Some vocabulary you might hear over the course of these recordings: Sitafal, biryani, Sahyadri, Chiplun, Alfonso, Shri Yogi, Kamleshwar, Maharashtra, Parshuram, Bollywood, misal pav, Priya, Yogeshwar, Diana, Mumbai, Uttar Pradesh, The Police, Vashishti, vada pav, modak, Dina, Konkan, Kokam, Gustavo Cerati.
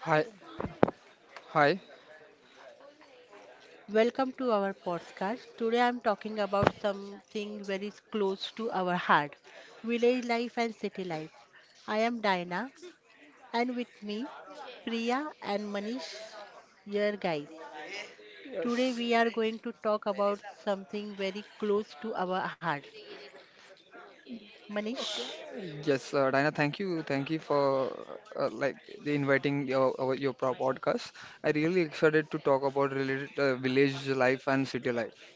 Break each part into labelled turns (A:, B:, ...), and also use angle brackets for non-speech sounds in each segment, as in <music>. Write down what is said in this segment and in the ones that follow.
A: Hi, hi.
B: welcome to our podcast. Today I'm talking about something very close to our heart, village life and city life. I am Dina and with me Priya and Manish here, guys. Today
A: Yes,
B: we are going to talk about something very close to our heart. Manish,
A: yes, Diana. Thank you for like the inviting your podcast. I really excited to talk about related village life and city life.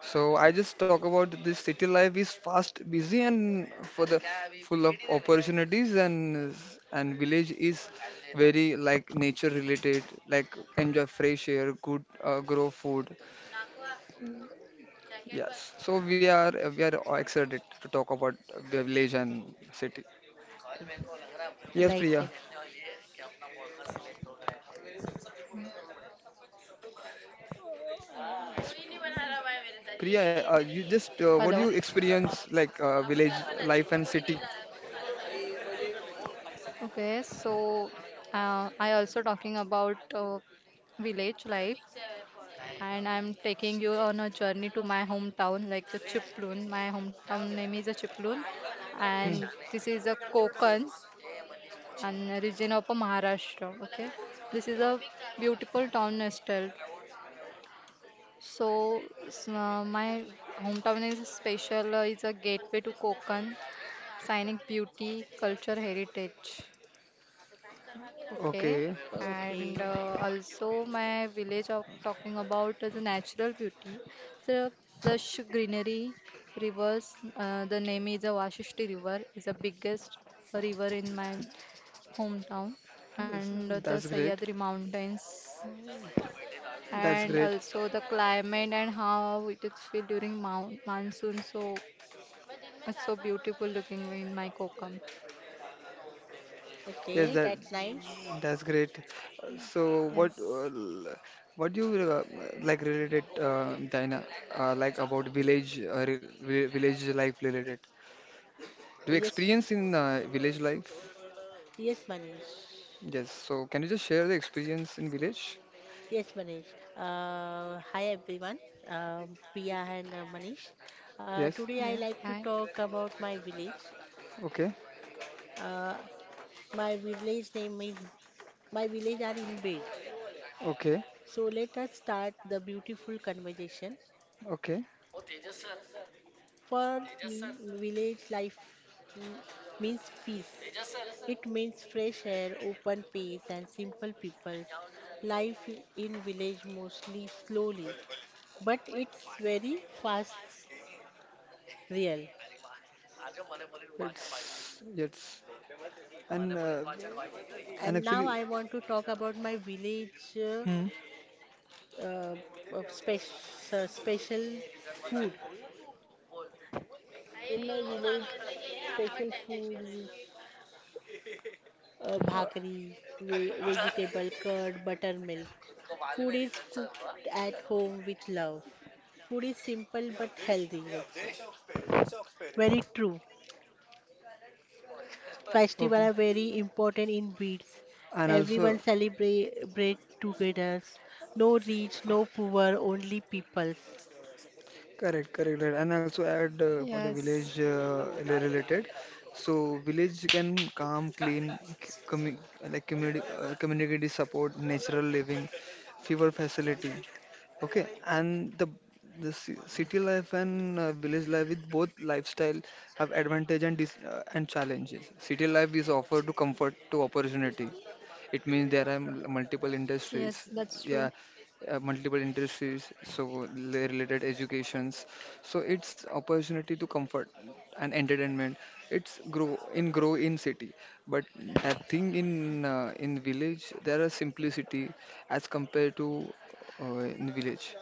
A: So I just talk about this city life is fast, busy, and for the full of opportunities, and village is very like nature related, like enjoy fresh air, good grow food. Yes, so we are excited to talk about village and city. Yes,
B: right,
A: Priya.
B: right.
A: Priya, you just
C: Hello.
A: what do you experience like village life and city?
C: Okay, so I also talking about village life, and I'm taking you on a journey to my hometown, like the Chiplun. My hometown name is a Chiplun,
A: Hmm.
C: and this is a Konkan, and a region of a Maharashtra. Okay, this is a beautiful town nestled. My hometown is special. It's a gateway to Konkan, signing beauty, culture, heritage. Okay,
A: Okay,
B: Okay,
C: and also my village of talking about is the natural beauty. So lush greenery, rivers. The name is a Vashishti River. Is the biggest river in my hometown,
A: yes,
C: and the
A: that's great.
C: Sahyadri Mountains,
A: That's
C: and
A: great.
C: also the climate and how it is feel during moun monsoon. So it's so beautiful looking in my Kokam.
A: Yes,
B: okay,
A: that
B: that's nice.
A: that's great. So what
C: Yes,
A: what do you like related Dina like about village village life related? Do you
B: Yes,
A: experience in village life?
B: yes, Manish.
A: Yes. So can you just share the experience in village?
B: Yes, Manish. Hi everyone. Priya and Manish.
A: Yes.
B: Today I
C: yes,
B: like to talk about my village.
A: Okay.
B: Uh, my village name is my village are in bed.
A: Okay.
B: So let us start the beautiful conversation.
A: Okay.
B: For me, village life mm, means peace. It means fresh air, open space, and simple people. Life in village mostly slowly, but it's very fast real.
A: It's and uh, and
B: And now
A: actually.
B: I want to talk about my village
A: Hmm.
B: uh, of spec- special food. In my village, special food is
A: Uh,
B: bhakri, vegetable curd, buttermilk. Food is cooked at home with love. Food is simple but healthy also. Very true. Festivals
A: okay.
B: are very important in Beats.
A: And also.
B: Everyone celebrate together. No rich, no poor, only peoples.
A: Correct, correct, right. And also add for the
C: yes.
A: village related. So village can calm, clean, c- commu like community, community support, natural living, fever facility. Okay, and the city life and village life with both lifestyle have advantage and dis and challenges. City life is offered to comfort to opportunity. It means there are
C: Yes,
A: multiple
C: that's
A: industries.
C: true.
A: Yeah, multiple industries, so related educations. So it's opportunity to comfort and entertainment. It's grow in city, but that thing in village there are simplicity as compared to in village.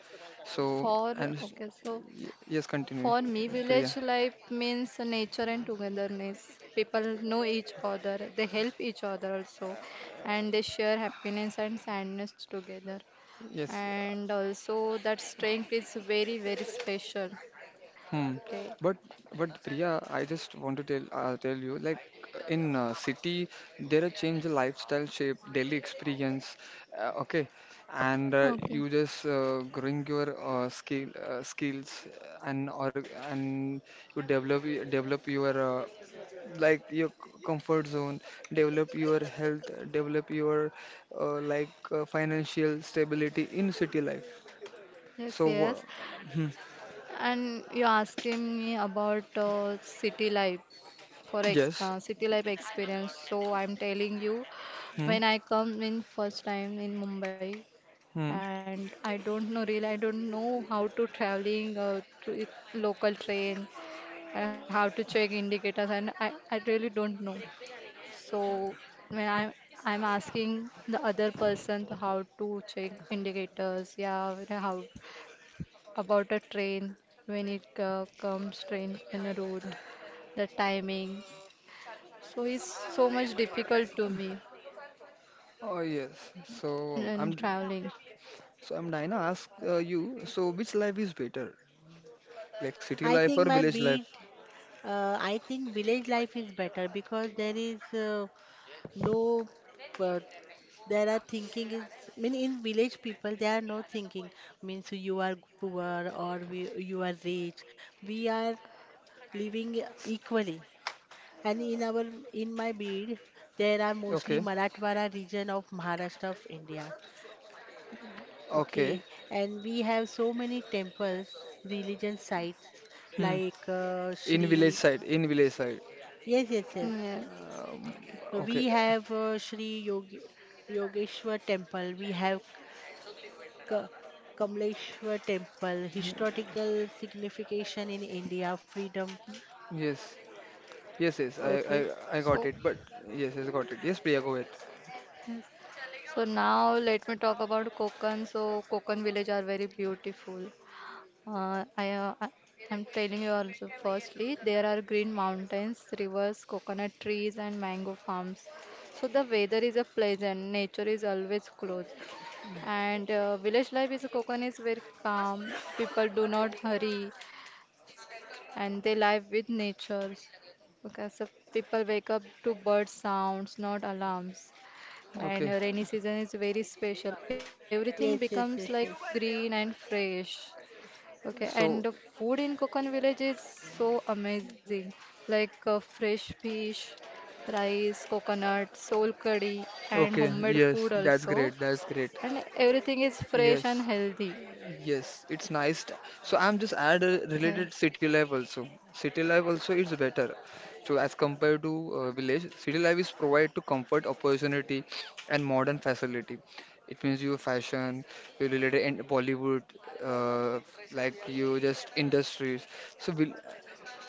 A: So
C: For
A: and
C: okay, so
A: yes, continue,
C: for me,
A: Priya.
C: village life means nature and togetherness. People know each other, they help each other also, and they share happiness and sadness together.
A: Yes.
C: And also, that strength is very, very special.
A: Hmm.
C: Okay,
A: But but Priya, I just want to tell you like in city there are change the lifestyle shape, daily experience, okay, and
C: okay,
A: you just growing your skills and or and you develop your like your comfort zone, develop your health, develop your like financial stability in city life.
C: yes,
A: So
C: yes.
A: hmm.
C: And you're asking me about city life. For ex
A: Yes.
C: city life experience. So I'm telling you,
A: Hmm.
C: when I come in first time in Mumbai,
A: Hmm.
C: and I don't know really, I don't know how to traveling to local train and how to check indicators, and I really don't know. So when I'm asking the other person to how to check indicators, yeah, how about a train when it comes train in the route, the timing. So it's so much difficult to me
A: Oh yes. So
C: in
A: I'm
C: traveling.
A: so I'm Dina ask you, so which life is better? Like city
B: I
A: life
B: think
A: or
B: my
A: village
B: beat,
A: life?
B: I think village life is better because there is no, uh, there are thinking is, mean in village people they are not thinking means you are poor or we, you are rich. We are living equally. And in our in my bid, there are mostly
A: Okay.
B: Marathwada region of Maharashtra of India. Okay,
A: Okay.
B: and we have so many temples, religion sites
A: Hmm.
B: like
A: In village
B: Shri.
A: side, in village side.
B: Yes, yes, yes.
C: Yeah.
A: Um, okay.
B: We have Shri Yogi, Yogeshwar Temple. We have Ka- Kamleshwar Temple. Historical signification in India, freedom.
A: Yes. Yes, yes. I,
B: Okay.
A: I I got
C: So
A: it. But yes, yes, got it. Yes, Priya, go ahead.
C: yes. So now let me talk about Konkan. So Konkan village are very beautiful. Uh, I, uh, I I'm telling you also. Firstly, there are green mountains, rivers, coconut trees, and mango farms. So the weather is a pleasant. Nature is always close, and village life is Konkan is very calm. People do not hurry and they live with natures. Okay, so people wake up to bird sounds, not alarms. And
A: Okay.
C: rainy season is very special. Everything
B: Yes,
C: becomes
B: yes,
C: like
B: yes, yes.
C: green and fresh. Okay, and the
A: So,
C: food in Kokon village is so amazing, like fresh fish, rice, coconut, soul curry, and
A: okay.
C: homemade
A: Yes,
C: food
A: that's
C: also.
A: great. That's great.
C: And everything is fresh and
A: Yes.
C: healthy.
A: Yes, it's nice. So I'm just add a related
C: Yes.
A: city life also. City life also is better. So as compared to village, city life is provide to comfort, opportunity, and modern facility. It means your fashion, your related in Bollywood, uh, like you just industries. So will,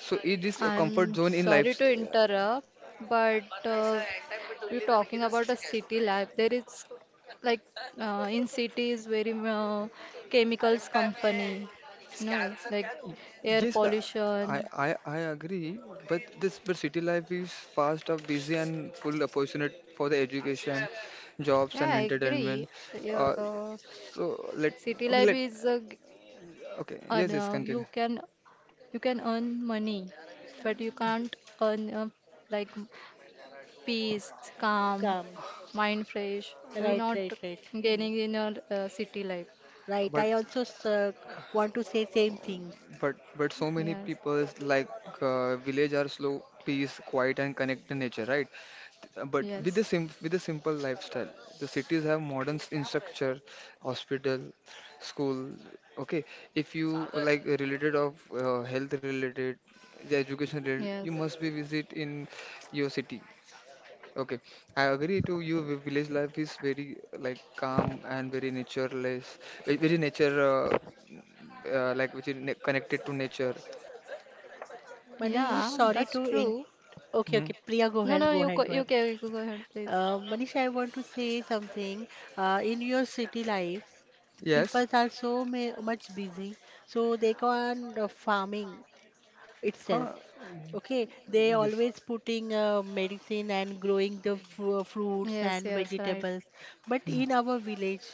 A: so it is a comfort
C: I'm
A: zone in
C: sorry
A: life.
C: to interrupt, but you're talking about a city life. There is like in cities very chemicals company, no, like air
A: Yes, I, I,
C: pollution.
A: I I agree, but this but city life is fast up, busy and full opportunity for the education, jobs
C: Yeah,
A: and
C: I
A: entertainment.
C: agree.
A: Uh,
C: Yeah,
A: so, let,
C: city life
A: okay,
C: is
A: let, okay,
C: earn,
A: yes,
C: uh,
A: yes,
C: you
A: continue.
C: can you can earn money, but you can't earn like peace, calm,
B: Come.
C: mind fresh. You're
B: Right,
C: not
B: right, right.
C: getting in your city life.
B: Right,
A: But
B: I also sir, want to say same
A: um,
B: thing.
A: but so many
C: Yes,
A: people's like village are slow, peace, quiet and connect to nature, right? But with the
C: yes,
A: sim with a simple lifestyle the cities have modern infrastructure, hospital, school. Okay, if you like related of health related the education related you
C: yes.
A: must be visit in your city. Okay, I agree to you, village life is very like calm and very natureless, very nature, like which is ne connected to nature.
B: Manish,
C: Yeah,
B: sorry
C: that's
B: to in.
C: true.
B: Okay,
A: Hmm.
B: okay. Priya, go
C: No,
B: ahead,
C: no,
B: go
C: you go,
B: ahead, go
C: you
B: ahead.
C: can go ahead, please.
B: Manish, I want to say something. In your city life,
A: Yes.
B: people are so ma much busy, so they go on farming itself.
A: Huh.
B: Okay, they always
A: Yes.
B: putting medicine and growing the fruits
C: Yes,
B: and
C: yes, right.
B: vegetables, but
A: Hmm.
B: in our village,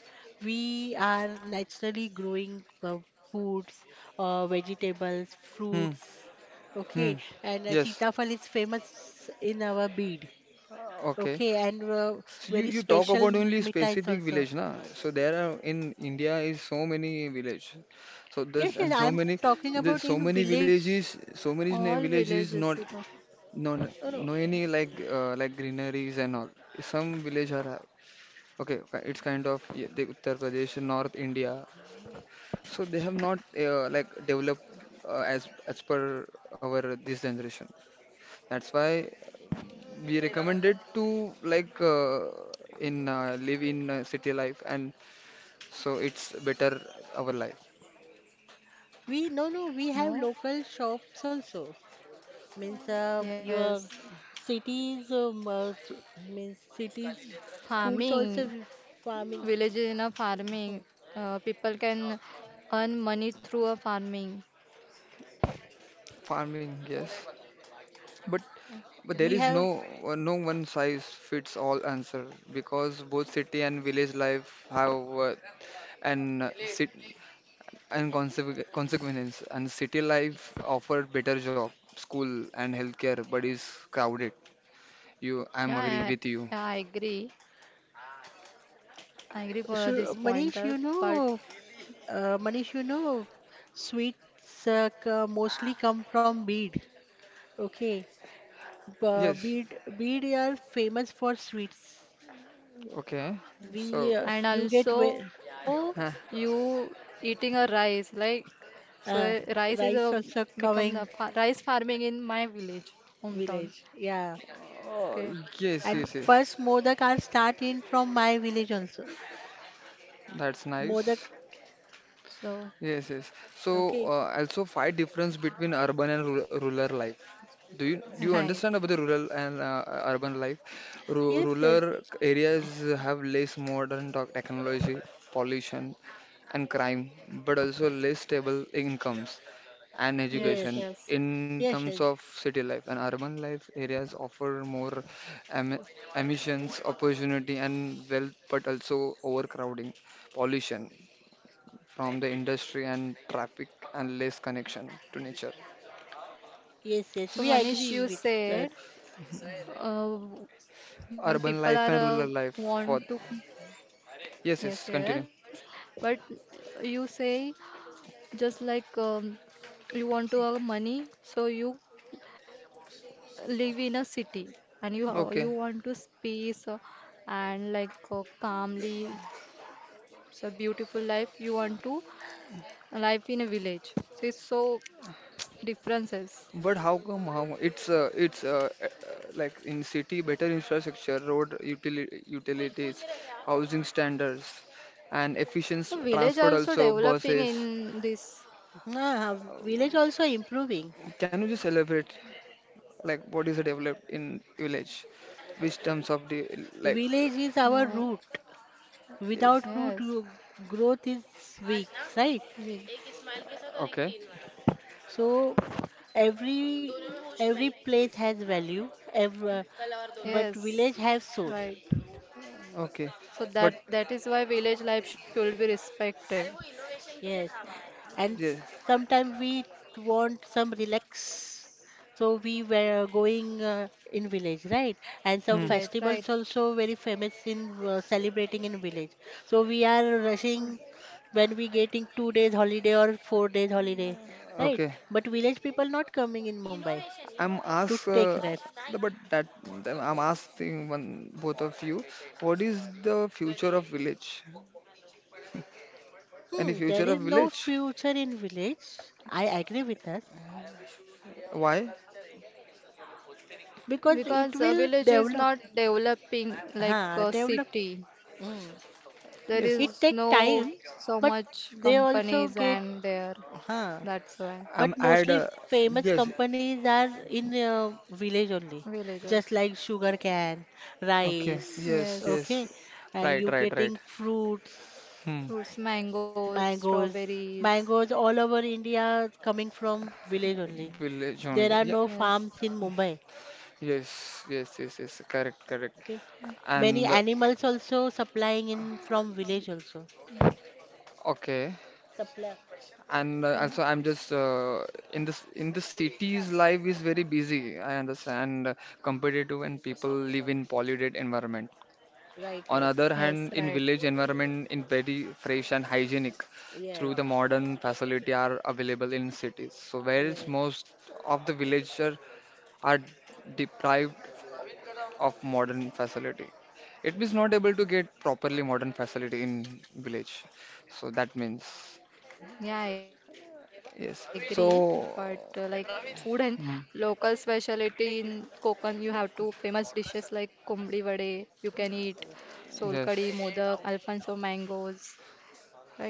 B: we are naturally growing foods, vegetables,
A: Hmm.
B: fruits. Okay,
A: Hmm.
B: and
A: Yes.
B: Sitafal is famous in our Bid.
A: Okay.
B: Okay, and
A: So you,
B: very
A: you talk
B: special
A: about only
B: mithais
A: specific
B: also.
A: village, na? So there are in India is so many village. So
B: Yes, yes, I'm talking
A: there's
B: about
A: so
B: in
A: many
B: village.
A: villages, so many
C: All
A: villages,
C: villages,
A: not,
C: you know.
A: no, no,
B: No, no,
A: no, any like greeneries and all. Some village are have. Okay, it's kind of, yeah, the Uttar Pradesh, North India. So they have not like developed as per our this generation. That's why we recommended to like in live in city life, and so it's better our life
B: no, no, we have
C: No?
B: local shops also. Means
C: Yes.
B: your cities means cities foods also
C: Farming.
B: we farming.
C: Villages in a farming.
B: Mhm.
C: People can earn money through a farming.
A: farming. Yes, but
C: Yeah,
A: but there
B: We
A: is no
B: have
A: uh, no one size fits all answer, because both city and village life have an sit and consequ consequence, and city life offer better job, school and healthcare but is crowded. You, I'm agree
C: yeah,
A: with you.
C: yeah, I agree. I agree for this
B: Shu- manish
C: pointer,
B: you
C: but.
B: know manish you know sweets mostly come from Bid. Okay, uh,
A: Yes,
B: Bid Bid are famous for sweets.
A: okay, so
B: We
C: And
B: you get wi-
C: also,
A: <laughs>
C: you eating a rice like so
B: uh,
C: rice is a
B: Rice also
C: become the fa
B: coming
C: rice farming in my village hometown.
B: village, yeah.
A: Oh,
C: Okay,
A: yes,
B: And
A: yes, yes.
B: first modak are start in from my village also.
A: That's
B: Modak.
A: nice.
C: so
A: Yes, yes. So,
B: Okay.
A: also five difference between urban and ru rural life. Do you
C: right,
A: understand about the rural and urban life? Ru
B: Yes, yes,
A: Rural areas have less modern technology, pollution, and crime, but also less stable incomes and
C: yes,
A: education
B: yes,
C: yes.
A: in
B: yes,
A: terms
B: yes,
A: of city life. And urban life areas offer more em emissions, opportunity, and wealth, but also overcrowding, pollution from the industry and traffic, and less connection to nature.
B: yes, yes.
C: So
B: We
C: Manish,
B: agree
C: you
B: with us.
C: said uh, when
A: Urban
C: people
A: life
C: are
A: and rural life for.
C: want to
A: Yes, yes,
C: yes,
A: continue.
C: yes, but you say just like you want to earn money, so you live in a city and you you
A: Okay.
C: want to space and like calmly it's a beautiful life you want to life in a village so it's so differences.
A: But how come, how it's like in city better infrastructure, road utilities, housing standards, and efficient
C: The village
A: transport
C: also
A: also
C: developing
A: buses.
C: in this.
B: Ah,
A: Um,
B: village also improving.
A: can you just elaborate like what is developed in village, which terms of the, like,
B: Village is our
C: uh,
B: root.
A: yes,
B: Without root,
C: yes
B: growth is weak, right?
C: we,
A: okay,
B: So every every place has value. Every, but
C: yes
B: village have soul.
C: right
A: okay,
C: so
A: but,
C: that that is why village life should be respected
B: Yes. And
A: yeah,
B: sometimes we want some relax, so we were going in village, right? And
C: a
B: some
A: hmm,
C: village right
B: festivals also very famous in celebrating in village, so we are
C: so,
B: rushing when we getting 2 days holiday or 4 days holiday, right?
A: okay.
B: But village people not coming in Mumbai
A: I'm innovation.
B: to
A: Asked,
B: take risk.
A: nice. But that, then I'm asking one both of you, what is the future of village? Any
B: Hmm.
A: future
B: There
A: of
B: is no
A: village?
B: future in village. I agree with us,
A: Why?
B: because it
C: because a
B: will
C: village is
B: develop.
C: not developing
B: Ha,
C: like a
B: develop.
C: city.
B: Hmm.
C: There
A: Yes,
B: It
C: is
B: take
C: no
B: time,
C: so
B: but
C: much
B: they also
C: companies
B: get,
C: and there.
B: huh?
C: That's why.
A: I'm
B: But
A: add.
B: mostly famous
A: Yes,
B: companies are in village only, just
C: Villagers.
B: like sugar cane,
A: okay.
B: rice,
A: Yes, yes.
B: okay,
C: Yes.
B: and
A: Right,
B: you
A: right,
B: getting
A: right.
B: fruits,
A: Hmm.
C: Fruits, mangoes,
B: mangoes,
C: strawberries.
B: mangoes all over India coming from village only.
A: Village
B: There
A: only.
B: are
A: Yeah.
B: no
C: Yes.
B: farms in Mumbai,
A: Yes, yes, yes, yes. Correct, correct.
B: okay. Many
A: And
B: animals also supplying in from village also.
A: okay.
B: Supply,
A: And
C: Uh,
A: also, I'm just in the cities, life is very busy. I understand competitive, and people live in polluted environment.
B: right,
A: On
B: right.
A: other
C: yes,
A: hand, in
C: right.
A: village environment, in very fresh and hygienic,
B: Yes,
A: through the modern facility are available in cities. So, whereas
B: yes.
A: most of the villager are deprived of modern facility, it means not able to get properly modern facility in village. So that means,
C: Yeah, I agree. But
A: yes.
C: like food
A: So.
C: and local
A: Hmm.
C: specialty in Konkan, you have to famous dishes like kombli vade, you can eat, solkadi,
A: Yes.
C: modak, Alfonso mangoes, right?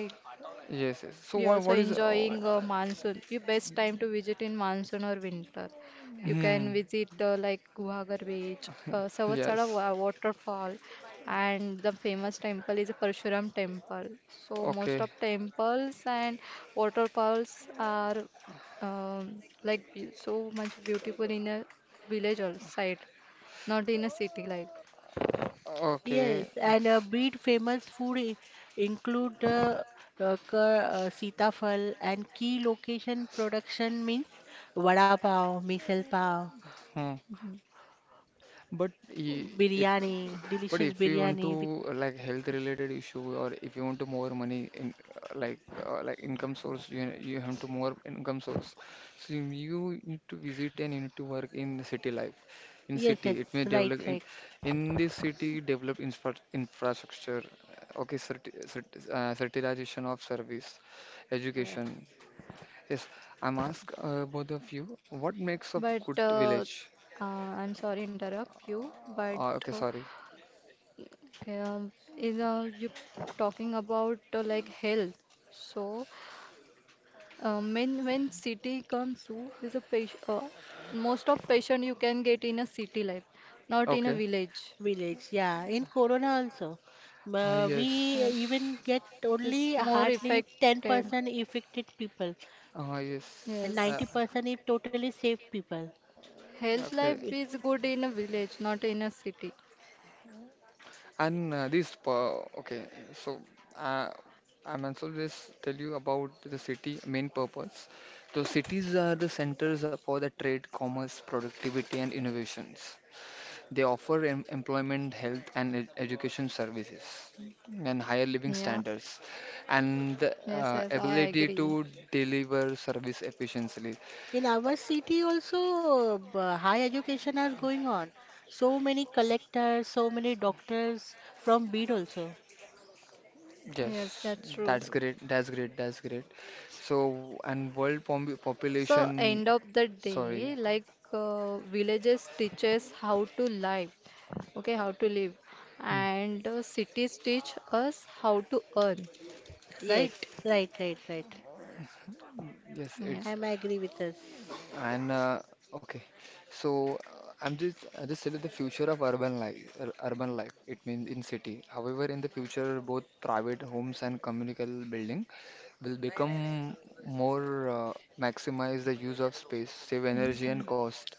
A: Yes. Yes.
C: We
A: So
C: also
A: what is,
C: enjoying
A: oh,
C: monsoon. You best time to visit in monsoon or winter. You
A: hmm,
C: can visit like Guhagar Beach,
A: yes.
C: waterfall, and the famous temple is Parshuram temple. So most
A: Okay.
C: of temples and waterfalls are so much beautiful in a village or side, not in a city like.
B: Yes,
A: Okay.
B: and breed famous food include the sitafal and key location production means vada pav, misal pav,
A: Hmm.
C: Mhm.
A: But I- it
B: biryani,
A: But
B: delicious
A: if you want
B: biryani
A: to
B: with,
A: like health related issue, or if you want to more money in like income source, you have to more income source, so you need to visit and you need to work in the city life, in
B: yes,
A: city
B: yes,
A: it may
B: right,
A: develop in
B: right.
A: in this city, develop infrastructure, okay, certification of service,
B: uh,
A: education. Yes, I'm ask both of you, what makes a
C: But
A: good village?
C: uh, I'm sorry interrupt you, but
A: Okay,
C: uh,
A: sorry.
C: okay, is you talking about like health? So, when city comes to is a patient. Most of patient you can get in a city life, not in a
A: Okay.
C: village.
B: Village, yeah. In Corona also,
A: Ah,
B: we
A: yes.
C: Yes,
B: even get only
C: it's more
B: hardly
C: affected.
B: 10% affected people and
A: Yes.
C: Yes,
B: 90% is totally safe people.
C: health
A: Okay.
C: life is good in a village, not in a city.
A: And this. Okay. So uh, I'm also just tell you about the city main purpose. So cities are the centers for the trade, commerce, productivity, and innovations. They offer employment, health, and ed education services, and higher living
C: Yeah.
A: standards, and the
C: Yes, yes, I agree.
A: ability to deliver service efficiently.
B: In our city also, high education are going on. So many collectors, so many doctors from Bid also.
C: Yes,
A: Yes,
C: that's true.
A: that's great. That's great. That's great. So, and world
C: So
A: population,
C: end of the
A: sorry.
C: day, like villages teaches how to live, okay, how to live,
A: Hmm.
C: and cities teach us how to earn,
B: Yes,
C: right?
B: right, right, right.
A: Yes,
C: Yeah.
B: I
A: it's,
B: am agree with us.
A: and okay. So, I just said the future of urban life. Urban life. It means in city. However, in the future, both private homes and communal building will become more, maximize the use of space, save energy and
C: Okay.
A: cost.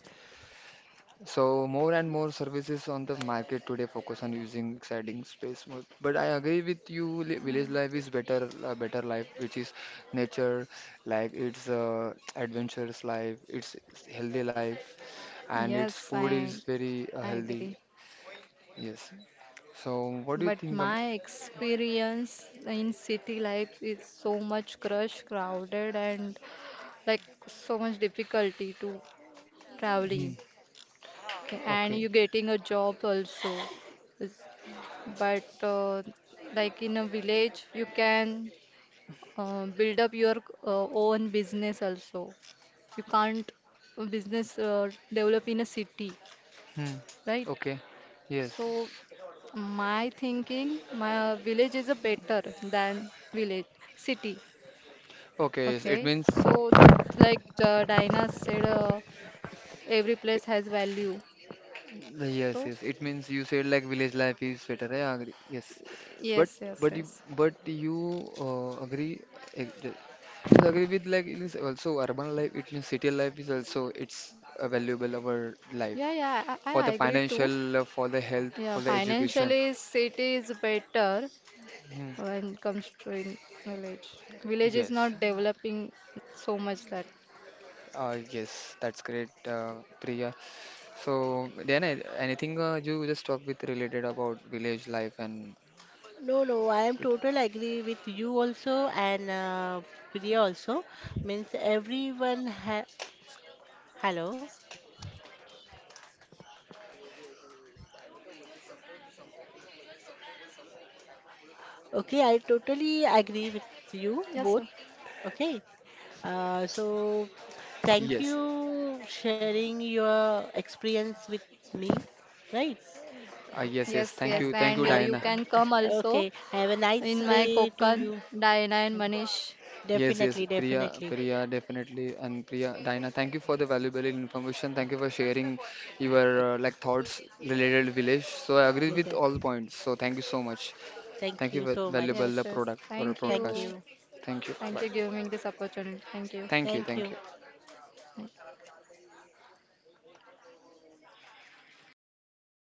A: So more and more services on the market today focus on using exciting space more. But I agree with you, village life is better, a better life, which is nature, like it's adventurous life, it's healthy life,
C: Yes,
A: and its food is
C: I
A: very
C: agree.
A: healthy. Yes. So what
C: But
A: do you think?
C: my experience in city life is so much crush, crowded, and like so much difficulty to
A: Hmm.
C: traveling. Okay, and
A: Okay.
C: you getting a job also. Is- But like in a village, you can build up your own business also. You can't business develop in a city,
A: Hmm.
C: right?
A: Okay. Yes.
C: So my thinking, my village is a better than village city.
A: Okay. Yes, it
C: Okay,
A: means.
C: so like the Diana said, every place has value.
A: Yes,
C: So
A: yes. It means you said like village life is better. I agree. Yes, but
C: yes, yes,
A: but you
C: yes.
A: but you agree, eh, ju- just agree with, like, it is also urban life. It means city life is also it's a valuable our
C: Yeah,
A: life
C: yeah, I
A: for the
C: agree too.
A: financial, for the health,
C: Yeah,
A: for the education.
C: financially city is better
A: Hmm.
C: when it comes to in village. Village is
A: Yes,
C: not developing so much that.
A: yes. That's great, Priya. So then anything you just talk with related about village life and
B: No, no, I am
A: city.
B: total agree with you also and Priya also. Means everyone ha hello. Okay, I totally agree
C: Yes,
B: with
C: sir.
B: you both. Okay. So, thank
A: Yes.
B: you sharing your experience with me, right?
C: Yes,
A: Yes,
C: yes,
A: yes. Thank
C: and
B: And
A: you. Thank
C: you
A: you,
B: and
C: can
A: Diana.
C: come
B: <laughs>
C: also
B: okay, have a
C: in
B: nice
C: my
B: day
C: Konkan,
B: to you.
C: Diana and Manish.
A: Yes, yes.
B: Definitely,
A: Priya,
B: definitely.
A: Priya, definitely. And Priya, Diana, thank you for the valuable information. Thank you for sharing your
B: I-
A: like thoughts related to village. So I agree
B: Yes,
A: with
B: yes.
A: all points. So thank you so much.
B: Thank
A: Thank you,
B: you so much.
A: valuable
C: Yes,
A: the
C: yes.
A: product for a
C: Thank
B: Thank
A: podcast.
C: you.
B: you.
A: Thank you.
C: Thank
A: Bye.
C: you giving me this opportunity. Thank you.
A: Thank you.
B: Thank
A: Thank
B: you.
A: you.
C: Thank you.